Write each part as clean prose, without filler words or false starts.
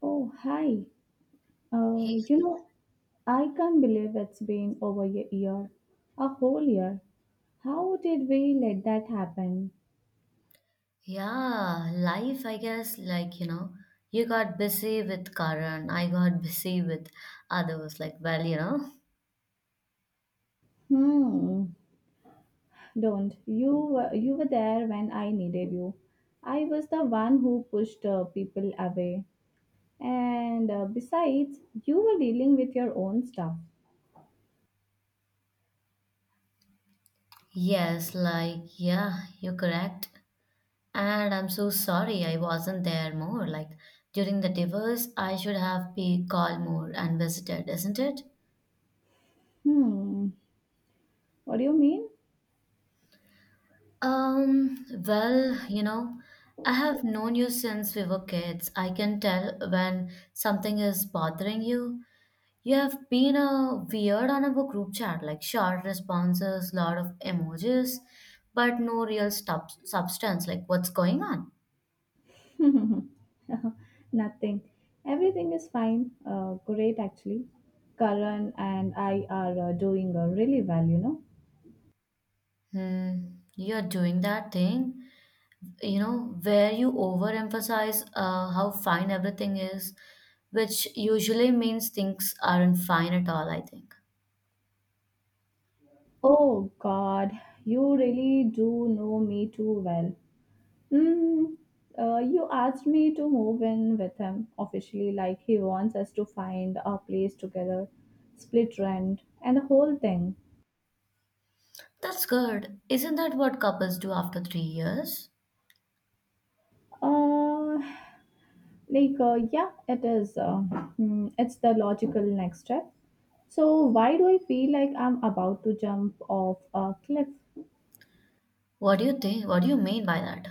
Oh, hi. Hey, Uh, you know, I can't believe it's been over a year, a whole year. How did we let that happen? yeah, life, I guess, like, you know, you got busy with Karan, I got busy with others, like, well. Hmm. Don't. You were there when I needed you. I was the one who pushed people away. And Besides, you were dealing with your own stuff. Yes, like, yeah, you're correct. And I'm so sorry I wasn't there more. Like, during the divorce, I should have be called more and visited, isn't it? Hmm. What do you mean? Well, I have known you since we were kids. I can tell when something is bothering you. You have been a weird on our group chat, like short responses, lot of emojis, but no real substance. Like, what's going on? Nothing. Everything is fine. Great, actually. Karan and I are doing really well. Hmm, you're doing that thing, you know, where you overemphasize how fine everything is, which usually means things aren't fine at all, I think. Oh, God. You really do know me too well. Mm, you asked me to move in with him officially, like he wants us to find a place together, split rent, and the whole thing. That's good. Isn't that what couples do after 3 years? Uh, yeah, it is. It's the logical next step. So, why do I feel like I'm about to jump off a cliff? What do you think? What do you mean by that?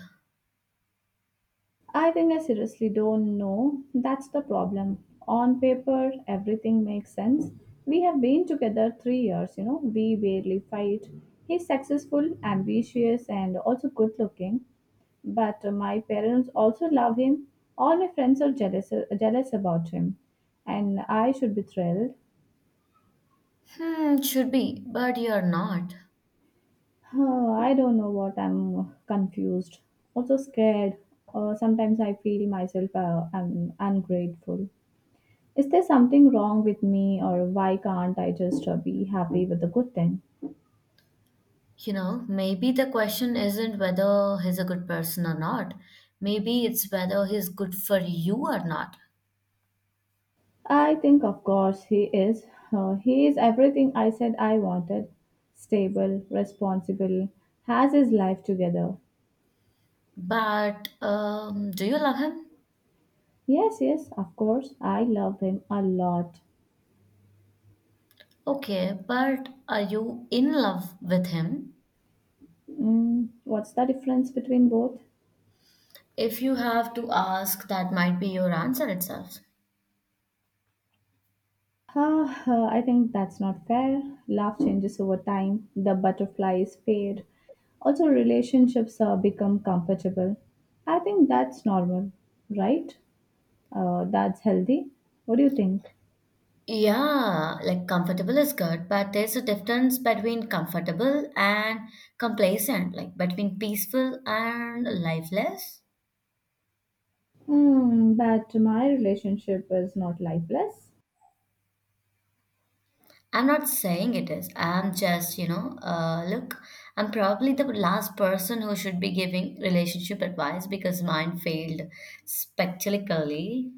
I think I seriously don't know. That's the problem. On paper, everything makes sense. We have been together 3 years, you know, we barely fight. He's successful, ambitious, and also good looking. But my parents also love him. All my friends are jealous, jealous about him. And I should be thrilled. Hmm, should be, but you're not. Huh, I don't know what I'm confused, also scared. Sometimes I feel myself I'm ungrateful. Is there something wrong with me, or why can't I just be happy with the good thing? You know, maybe the question isn't whether he's a good person or not. Maybe it's whether he's good for you or not. I think, of course, he is. He is everything I said I wanted stable, responsible, has his life together. But do you love him? Yes, yes, of course, I love him a lot. Okay, but are you in love with him? Mm, what's the difference between both? If you have to ask, that might be your answer itself. I think that's not fair. Love changes over time, the butterflies fade. Also, relationships become comfortable. I think that's normal, right? That's healthy. What do you think? Yeah, like comfortable is good, but there's a difference between comfortable and complacent, like between peaceful and lifeless. Hmm, but my relationship is not lifeless. I'm not saying it is. I'm just, you know, look, I'm probably the last person who should be giving relationship advice because mine failed spectacularly.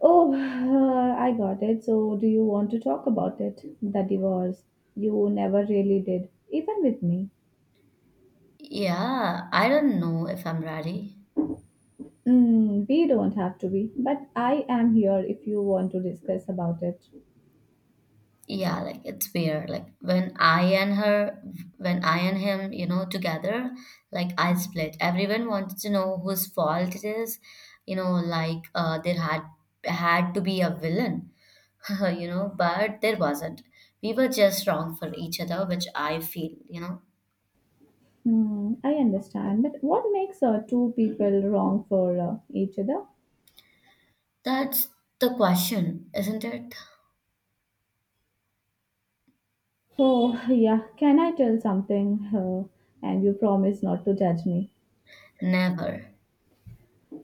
Oh, I got it. So, do you want to talk about it? The divorce. You never really did, even with me. Yeah, I don't know if I'm ready. Mm, we don't have to be, but I am here if you want to discuss about it. Yeah, like it's weird. Like when I and her, when I and him, you know, together, like I split. Everyone wants to know whose fault it is. You know, like there had to be a villain, you know, but there wasn't. We were just wrong for each other, which I feel, you know. Hmm, I understand, but what makes two people wrong for each other? That's the question, isn't it? Oh, yeah, can I tell something? And you promise not to judge me. Never.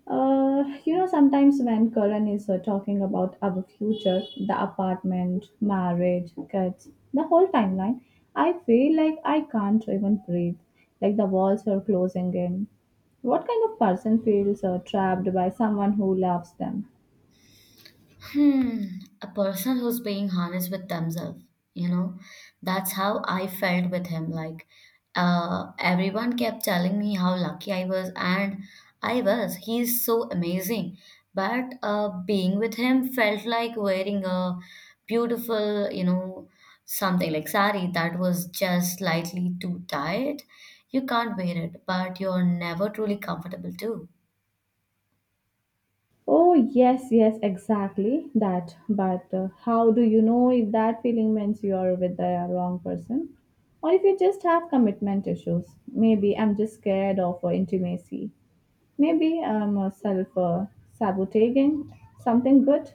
Sometimes when Karan is talking about our future, the apartment, marriage, kids, the whole timeline, I feel like I can't even breathe, like the walls are closing in. What kind of person feels trapped by someone who loves them? Hmm, a person who's being honest with themselves, you know, that's how I felt with him. Like, everyone kept telling me how lucky I was, and I was. He's so amazing. But being with him felt like wearing a beautiful, you know, something like sari that was just slightly too tight. You can't wear it, but you're never truly comfortable too. Oh, yes, yes, exactly that. But how do you know if that feeling means you are with the wrong person? Or if you just have commitment issues? Maybe I'm just scared of intimacy. Maybe I'm self sabotaging something good.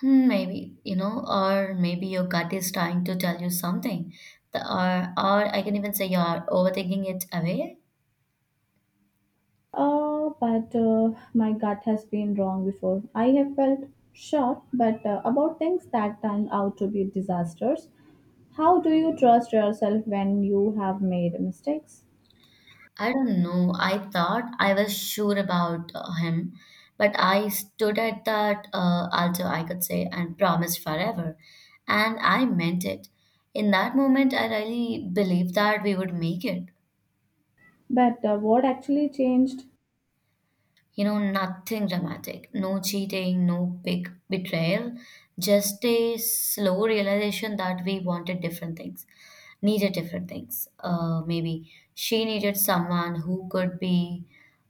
Hmm, maybe, you know, or maybe your gut is trying to tell you something. Or I can even say you're overthinking it away. But My gut has been wrong before. I have felt sure, but about things that turned out to be disasters. How do you trust yourself when you have made mistakes? I don't know. I thought I was sure about him, but I stood at that altar, I could say, and promised forever. And I meant it. In that moment, I really believed that we would make it. But What actually changed? You know, nothing dramatic, no cheating, no big betrayal, just a slow realization that we wanted different things, needed different things. Maybe she needed someone who could be,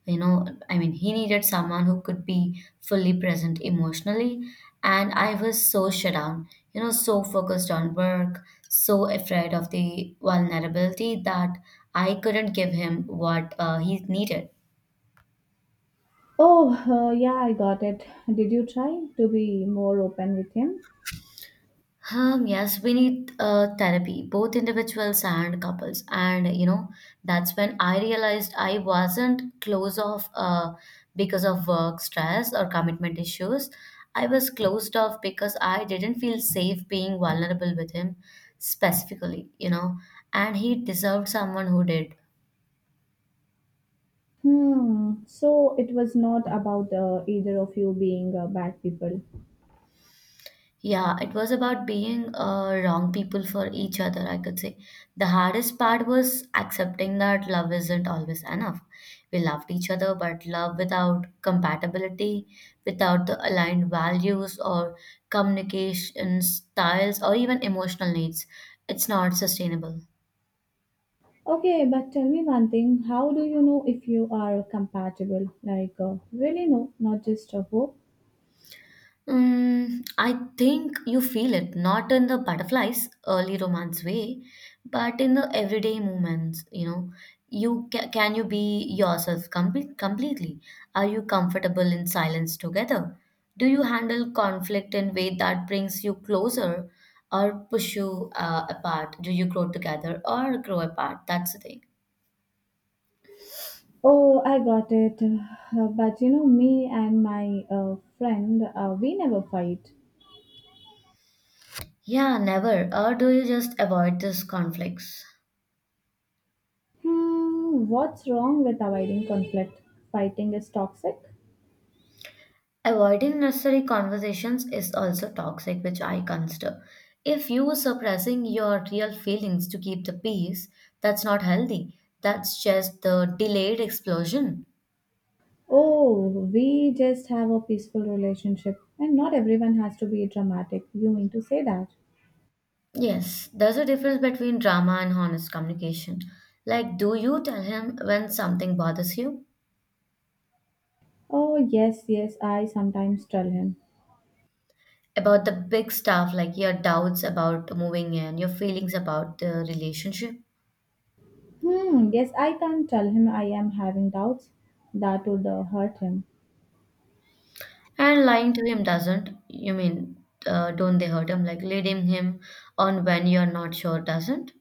you know, I mean, he needed someone who could be fully present emotionally. And I was so shut down, you know, so focused on work, so afraid of the vulnerability that I couldn't give him what he needed. Oh, yeah, I got it. Did you try to be more open with him? Yes, we need therapy, both individuals and couples. And, you know, that's when I realized I wasn't closed off because of work stress or commitment issues. I was closed off because I didn't feel safe being vulnerable with him specifically, you know, and he deserved someone who did. Hmm. So it was not about either of you being bad people. Yeah, it was about being wrong people for each other, I could say. The hardest part was accepting that love isn't always enough. We loved each other, but love without compatibility, without the aligned values or communication styles or even emotional needs, it's not sustainable. Okay, but tell me one thing. How do you know if you are compatible? Really, no, not just a hope. Mm, I think you feel it, not in the butterflies, early romance way, but in the everyday moments, you know. You ca Can you be yourself completely? Are you comfortable in silence together? Do you handle conflict in way that brings you closer or push you apart? Do you grow together or grow apart? That's the thing. Oh, I got it. But you know, me and my friend, we never fight. Yeah, never. Or do you just avoid these conflicts? Hmm, what's wrong with avoiding conflict? Fighting is toxic? Avoiding necessary conversations is also toxic, which I consider. If you suppressing your real feelings to keep the peace, that's not healthy. That's just the delayed explosion. Oh, we just have a peaceful relationship, and not everyone has to be dramatic. You mean to say that? Yes, there's a difference between drama and honest communication. Like, do you tell him when something bothers you? Oh, yes, yes, I sometimes tell him. About the big stuff, like your doubts about moving in, your feelings about the relationship? Hmm, yes, I can't tell him I am having doubts. That would hurt him. And lying to him doesn't, you mean, don't they hurt him? Like leading him on when you're not sure doesn't?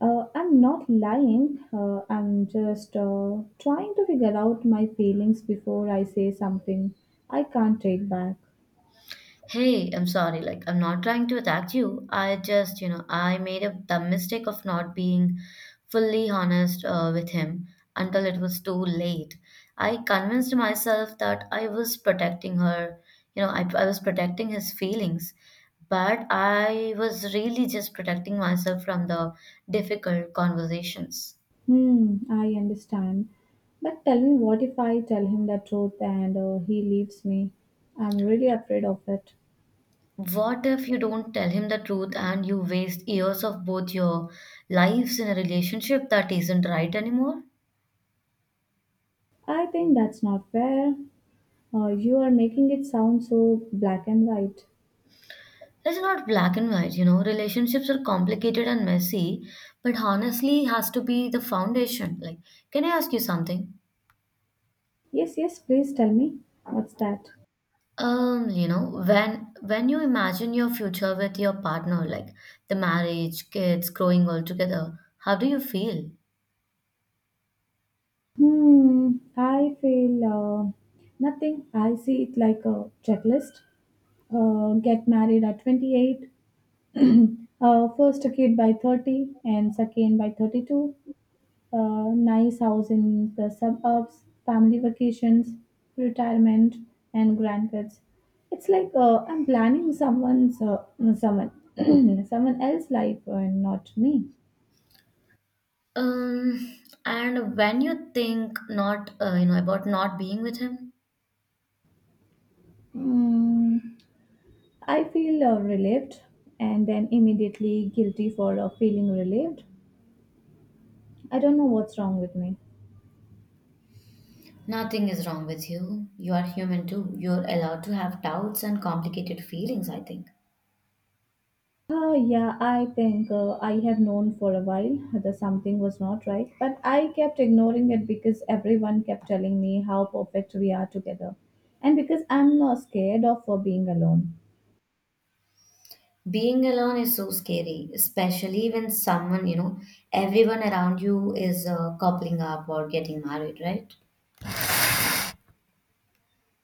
I'm not lying. I'm just trying to figure out my feelings before I say something I can't take back. Hey, I'm sorry, like I'm not trying to attack you. I just, you know, I made a dumb mistake of not being fully honest with him until it was too late. I convinced myself that I was protecting her, you know, I was protecting his feelings, but I was really just protecting myself from the difficult conversations. Hmm, I understand. But tell me, what if I tell him the truth and he leaves me? I'm really afraid of it. What if you don't tell him the truth and you waste years of both your lives in a relationship that isn't right anymore? I think that's not fair. You are making it sound so black and white. It's not black and white, you know. Relationships are complicated and messy, but honestly has to be the foundation. Like, can I ask you something? Yes, yes, please tell me. What's that? You know, when you imagine your future with your partner, like the marriage, kids, growing all together, how do you feel? Hmm, I feel nothing. I see it like a checklist. Get married at 28, first a kid by 30, and second by 32. Nice house in the suburbs, family vacations, retirement, and grandkids. It's like I'm planning someone's someone someone else's life and not me. Um, and when you think not, you know, about not being with him? Hmm. I feel relieved and then immediately guilty for feeling relieved. I don't know what's wrong with me. Nothing is wrong with you. You are human too. You're allowed to have doubts and complicated feelings, I think. Oh, yeah, I think I have known for a while that something was not right, but I kept ignoring it because everyone kept telling me how perfect we are together and because I'm not scared of being alone. Being alone is so scary, especially when someone, you know, everyone around you is coupling up or getting married, right?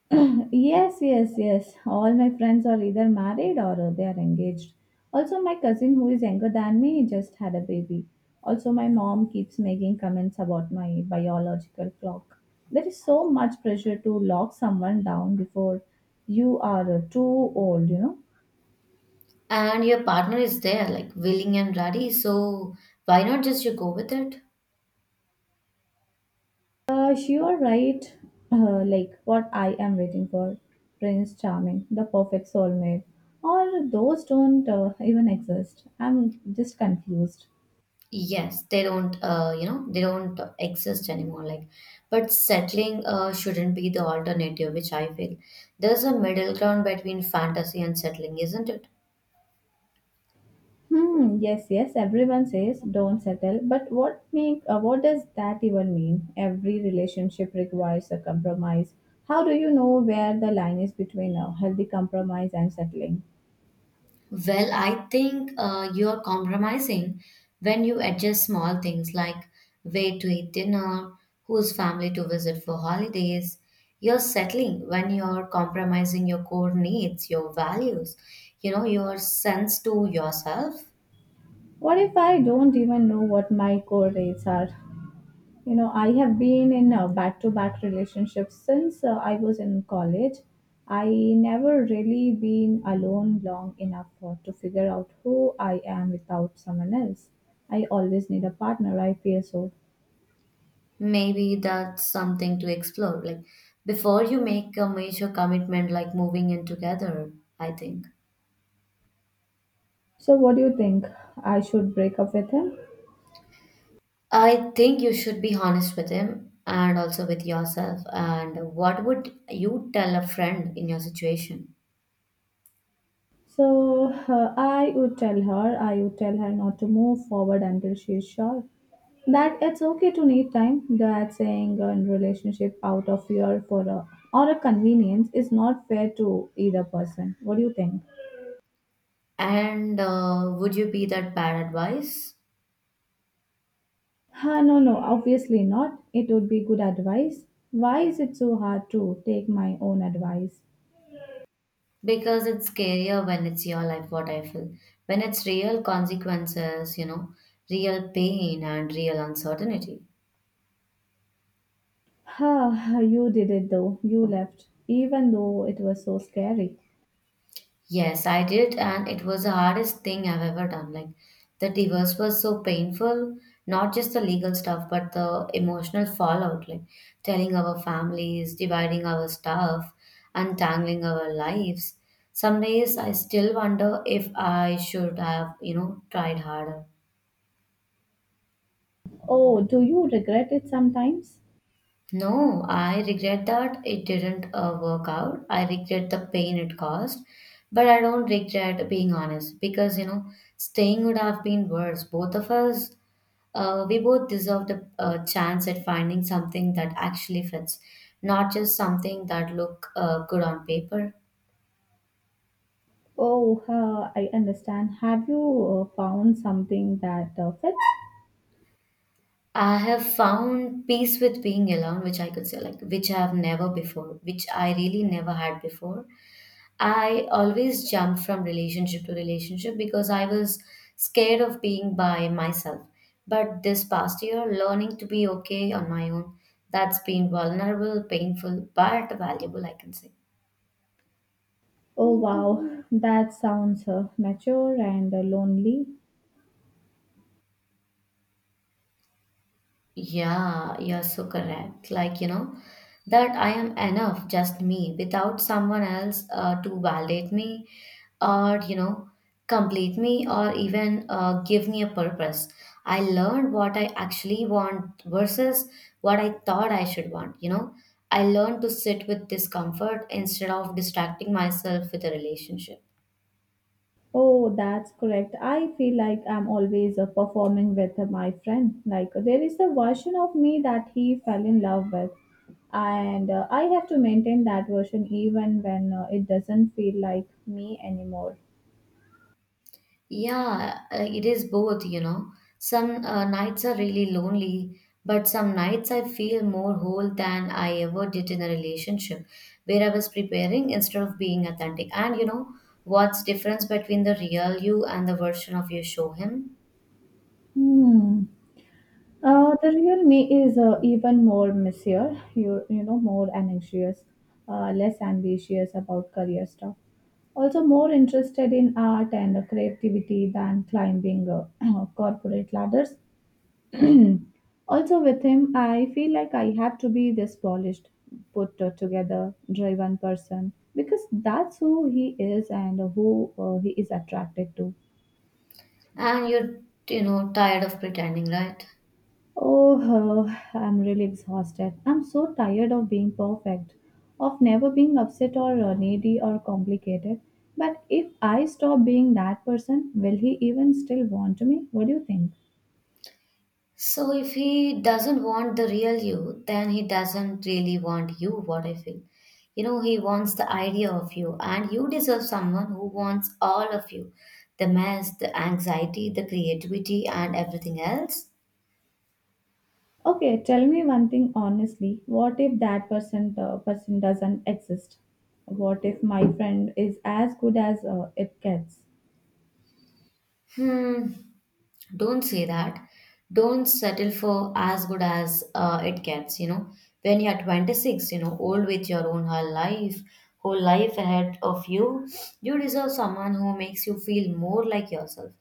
Yes, yes, yes. All my friends are either married or they are engaged. Also, my cousin, who is younger than me, just had a baby. Also, my mom keeps making comments about my biological clock. There is so much pressure to lock someone down before you are too old, you know. And your partner is there, like willing and ready. So why not just you go with it? You're right. Like what I am waiting for Prince Charming, the perfect soulmate. Or those don't even exist. I'm just confused. Yes, they don't, you know, they don't exist anymore. Like, but settling shouldn't be the alternative, which I feel. There's a middle ground between fantasy and settling, isn't it? Hmm, yes, yes, everyone says don't settle, but what does that even mean? Every relationship requires a compromise. How do you know where the line is between a healthy compromise and settling? Well, I think you're compromising when you adjust small things like where to eat dinner, whose family to visit for holidays. You're settling when you're compromising your core needs, your values, you know, your sense to yourself. What if I don't even know what my core rates are? You know, I have been in a back to back relationship since I was in college. I never really been alone long enough to figure out who I am without someone else. I always need a partner, I feel so. Maybe that's something to explore, like before you make a major commitment like moving in together, I think. So what do you think, I should break up with him? I think you should be honest with him and also with yourself. And what would you tell a friend in your situation? So I would tell her not to move forward until she is sure that it's okay to need time. That saying a relationship out of fear for a convenience is not fair to either person. What do you think? And would you be that bad advice? No, no, obviously not. It would be good advice. Why is it so hard to take my own advice? Because it's scarier when it's your life, what I feel. When it's real consequences, you know, real pain and real uncertainty. Huh, you did it though. You left, even though it was so scary. Yes, I did, and it was the hardest thing I've ever done. Like, the divorce was so painful, not just the legal stuff, but the emotional fallout, like telling our families, dividing our stuff, untangling our lives. Some days I still wonder if I should have, you know, tried harder. Oh, do you regret it sometimes? No, I regret that it didn't work out. I regret the pain it caused, but I don't regret being honest because you know staying would have been worse. Both of us, we both deserved a chance at finding something that actually fits, not just something that look good on paper. Oh, I understand. Have you found something that fits? I have found peace with being alone, which I could say like which I really never had before. I always jumped from relationship to relationship because I was scared of being by myself. But this past year, learning to be okay on my own, that's been vulnerable, painful, but valuable, I can say. Oh, wow. That sounds mature and lonely. Yeah, you're so correct. Like, you know, that I am enough, just me, without someone else to validate me or, you know, complete me or even give me a purpose. I learned what I actually want versus what I thought I should want, you know. I learned to sit with discomfort instead of distracting myself with a relationship. Oh, that's correct. I feel like I'm always performing with my friend. Like, there is a version of me that he fell in love with. And I have to maintain that version even when it doesn't feel like me anymore. Yeah, it is both, you know. Some nights are really lonely, but some nights I feel more whole than I ever did in a relationship where I was preparing instead of being authentic. And you know, what's difference between the real you and the version of you show him? Hmm. The real me is even more messier, you know, more anxious, less ambitious about career stuff. Also, more interested in art and creativity than climbing corporate ladders. Also, with him, I feel like I have to be this polished, put together, driven person because that's who he is and who he is attracted to. And you're, you know, tired of pretending, right? Oh, I'm really exhausted. I'm so tired of being perfect, of never being upset or needy or complicated. But if I stop being that person, will he even still want me? What do you think? So if he doesn't want the real you, then he doesn't really want you, what I feel. You know, he wants the idea of you, and you deserve someone who wants all of you the mess, the anxiety, the creativity, and everything else. Okay, tell me one thing honestly. What if that person doesn't exist? What if my friend is as good as it gets? Hmm. Don't say that. Don't settle for as good as it gets, you know. When you're 26, you know, old with your own whole life ahead of you, you deserve someone who makes you feel more like yourself,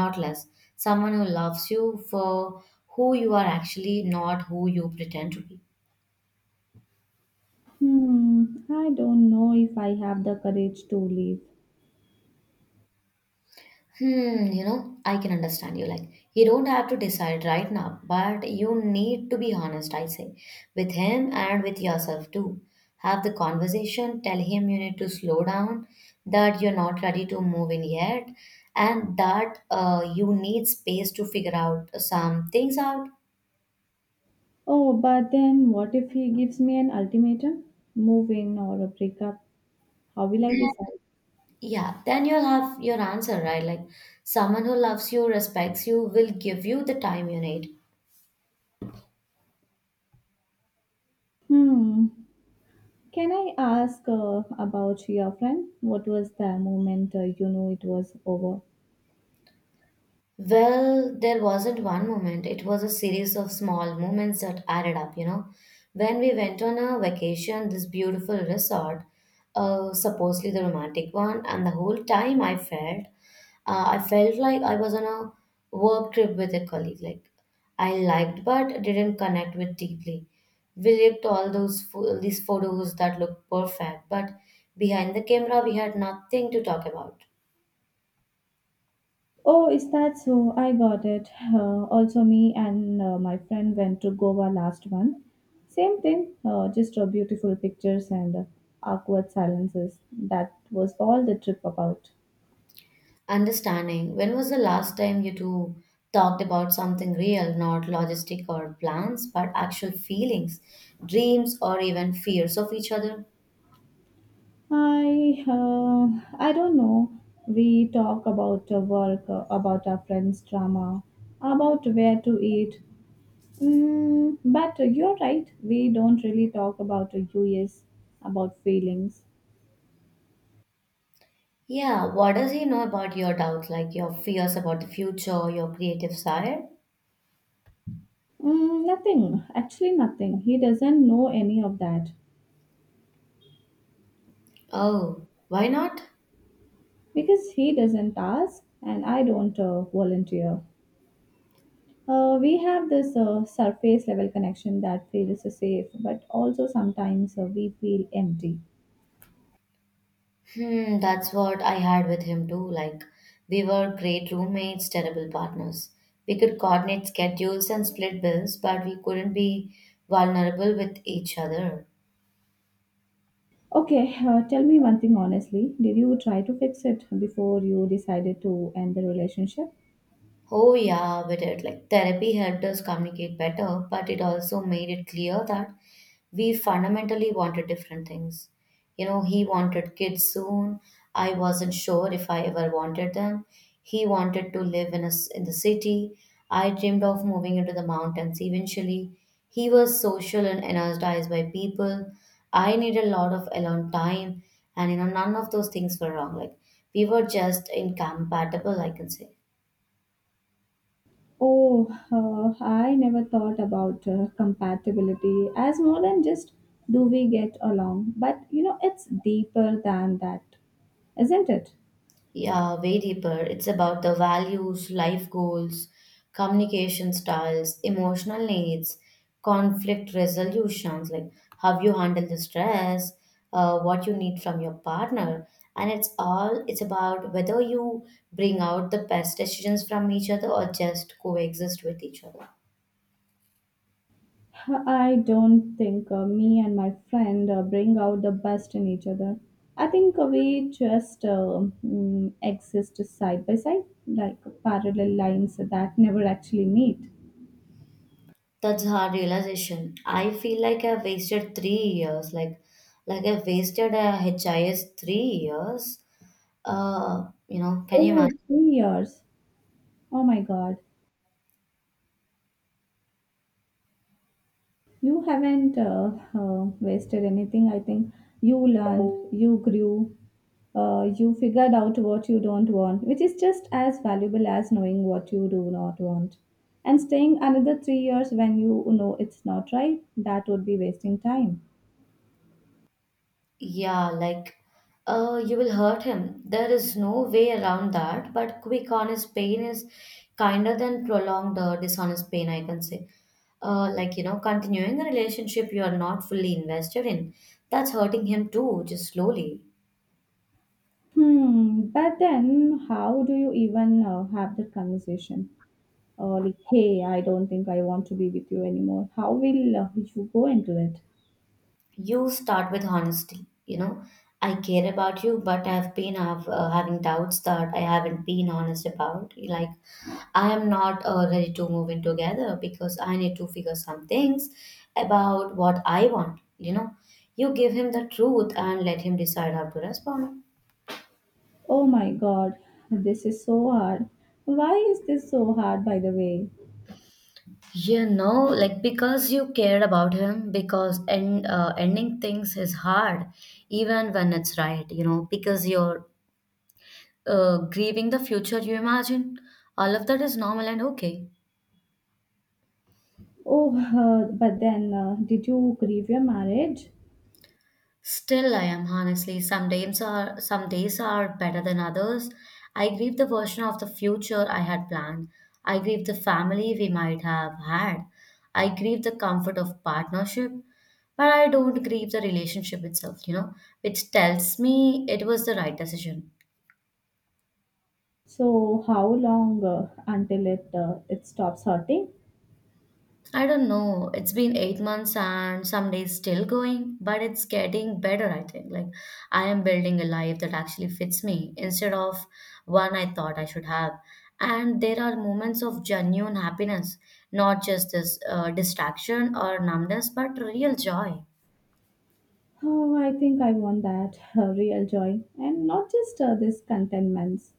not less, someone who loves you for who you are actually, not who you pretend to be. Hmm, I don't know if I have the courage to leave. Hmm, you know, I can understand you. Like, you don't have to decide right now, but you need to be honest, I say, with him and with yourself too. Have the conversation, tell him you need to slow down, that you're not ready to move in yet, and that you need space to figure out some things out. Oh, but then what if he gives me an ultimatum? Move in or a breakup? How will I Then, decide? yeah, then you'll have your answer, right? Like, someone who loves you, respects you, will give you the time you need. Hmm. Can I ask about your friend? What was the moment you knew it was over? Well, there wasn't one moment. It was a series of small moments that added up, you know. When we went on a vacation, this beautiful resort, supposedly the romantic one, and the whole time I felt like I was on a work trip with a colleague. Like I liked but didn't connect with deeply. We looked all these photos that looked perfect, but behind the camera we had nothing to talk about. Oh, is that so? I got it. Also, me and my friend went to Goa last one. Same thing, just beautiful pictures and awkward silences. That was all the trip about. Understanding. When was the last time you two talked about something real, not logistic or plans, but actual feelings, dreams, or even fears of each other? I uh, I don't know. We talk about work, about our friends' drama, about where to eat. Mm, but you're right. We don't really talk about US, about feelings. Yeah, what does he know about your doubts, like your fears about the future, your creative side? Mm, nothing. Actually, nothing. He doesn't know any of that Oh, why not? because he doesn't ask, and I don't volunteer. We have this surface level connection that feels safe, but also sometimes we feel empty. Hmm, that's what I had with him too. Like, we were great roommates, terrible partners. We could coordinate schedules and split bills, but we couldn't be vulnerable with each other. Okay, tell me one thing honestly. Did you try to fix it before you decided to end the relationship? Oh, yeah, with it. Like therapy helped us communicate better, but it also made it clear that we fundamentally wanted different things. You know, he wanted kids soon. I wasn't sure if I ever wanted them. He wanted to live in the city. I dreamed of moving into the mountains eventually. He was social and energized by people. I needed a lot of alone time, and you know, none of those things were wrong. Like we were just incompatible, I can say. Oh, I never thought about compatibility as more than just do we get along. But you know, it's deeper than that, isn't it? Yeah, way deeper. It's about the values, life goals, communication styles, emotional needs, conflict resolutions, like how you handle the stress, what you need from your partner. And it's about whether you bring out the best decisions from each other or just coexist with each other. I don't think me and my friend bring out the best in each other. I think we just exist side by side, like parallel lines that never actually meet. That's hard realization. I feel like I've wasted 3 years. Like I've wasted a HIS 3 years. You know, can you Oh, imagine? 3 years. Oh my God. You haven't wasted anything. I think you learned, you grew, you figured out what you don't want, which is just as valuable as knowing what you do not want. And staying another 3 years when you know it's not right, that would be wasting time. Yeah, like, you will hurt him. There is no way around that. But quick, honest pain is kinder than prolonged, dishonest pain, I can say. Like, you know, continuing a relationship you are not fully invested in, that's hurting him too, just slowly. Hmm, but then how do you even have that conversation? Or like, hey, I don't think I want to be with you anymore. How will you go into it? You start with honesty, you know, I care about you, but I've been having doubts that I haven't been honest about. Like I am not ready to move in together because I need to figure some things about what I want, you know. You give him the truth and let him decide how to respond. Oh my god, this is so hard. Why is this so hard, by the way? You know, like because you cared about him, because ending things is hard even when it's right, you know, because you're grieving the future you imagine. All of that is normal and okay. Oh, but then, did you grieve your marriage? Still, I am honestly. Some days are better than others. I grieve the version of the future I had planned. I grieve the family we might have had. I grieve the comfort of partnership, but I don't grieve the relationship itself. You know, which tells me it was the right decision. So, how long until it stops hurting? I don't know. It's been 8 months and some days still going, but it's getting better, I think. Like, I am building a life that actually fits me instead of one I thought I should have. And there are moments of genuine happiness, not just this distraction or numbness, but real joy. Oh, I think I want that real joy, and not just this contentments.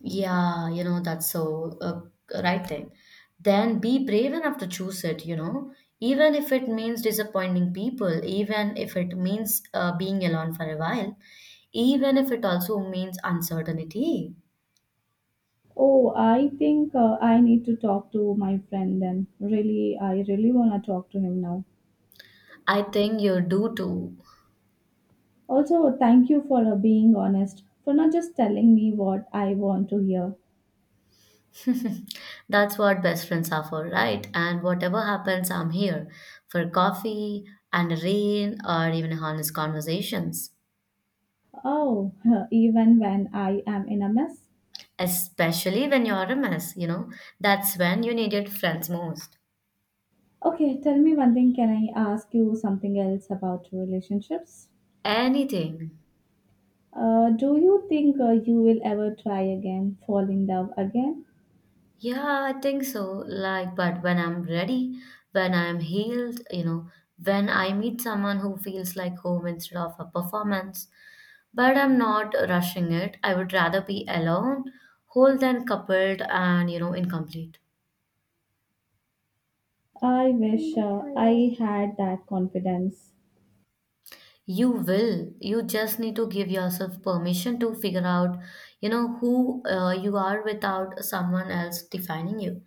Yeah, you know, that's so right thing. Then be brave enough to choose it, you know, even if it means disappointing people, even if it means being alone for a while, even if it also means uncertainty. Oh, I think I need to talk to my friend then. Really, I really want to talk to him now. I think you do too. Also, thank you for being honest, for not just telling me what I want to hear. That's what best friends are for, right? And whatever happens, I'm here for coffee and a rain or even honest conversations. Oh, even when I am in a mess. Especially when you're a mess, you know, that's when you needed friends most. Okay, tell me one thing. Can I ask you something else about relationships? Anything. Do you think you will ever try again, fall in love again? Yeah, I think so. Like, but when I'm ready, when I'm healed, you know, when I meet someone who feels like home instead of a performance, but I'm not rushing it. I would rather be alone, whole than coupled and, you know, incomplete. I wish I had that confidence. You will. You just need to give yourself permission to figure out, you know, who you are without someone else defining you.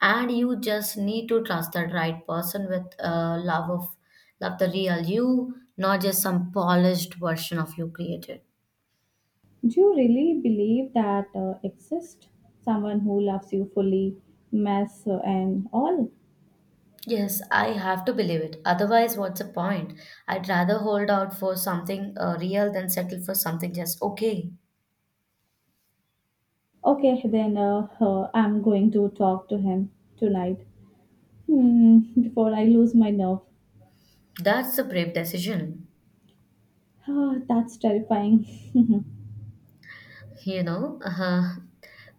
And you just need to trust that right person with love the real you, not just some polished version of you created. Do you really believe that exists? Someone who loves you fully, mess and all? Yes, I have to believe it. Otherwise, what's the point? I'd rather hold out for something real than settle for something just okay. Okay, then I'm going to talk to him tonight. Hmm, before I lose my nerve. That's a brave decision. Ah, that's terrifying. You know, uh,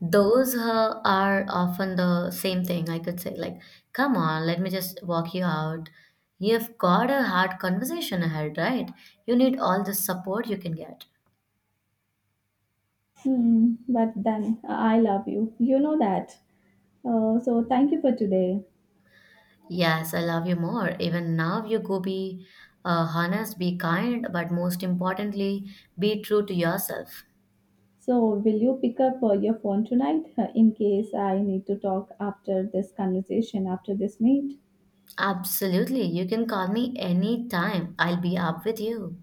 those are often the same thing, I could say. Like, come on, let me just walk you out. You've got a hard conversation ahead, right? You need all the support you can get. Hmm, but then I love you. You know that. So thank you for today. Yes, I love you more. Even now, you go be honest, be kind, but most importantly, be true to yourself. So will you pick up your phone tonight in case I need to talk after this conversation, after this meet? Absolutely. You can call me anytime. I'll be up with you.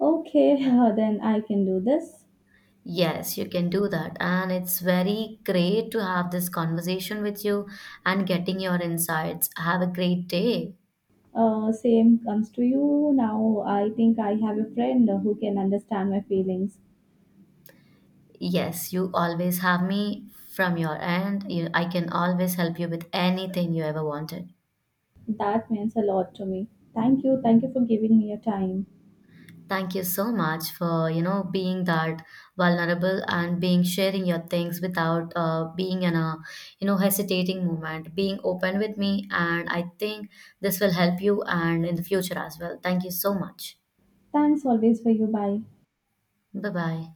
Okay, then I can do this. Yes, you can do that. And it's very great to have this conversation with you and getting your insights. Have a great day. Same comes to you. Now I think I have a friend who can understand my feelings. Yes, you always have me from your end. You, I can always help you with anything you ever wanted. That means a lot to me. Thank you. Thank you for giving me your time. Thank you so much for, you know, being that vulnerable and being sharing your things without being you know, hesitating moment, being open with me. And I think this will help you and in the future as well. Thank you so much. Thanks always for you. Bye. Bye bye.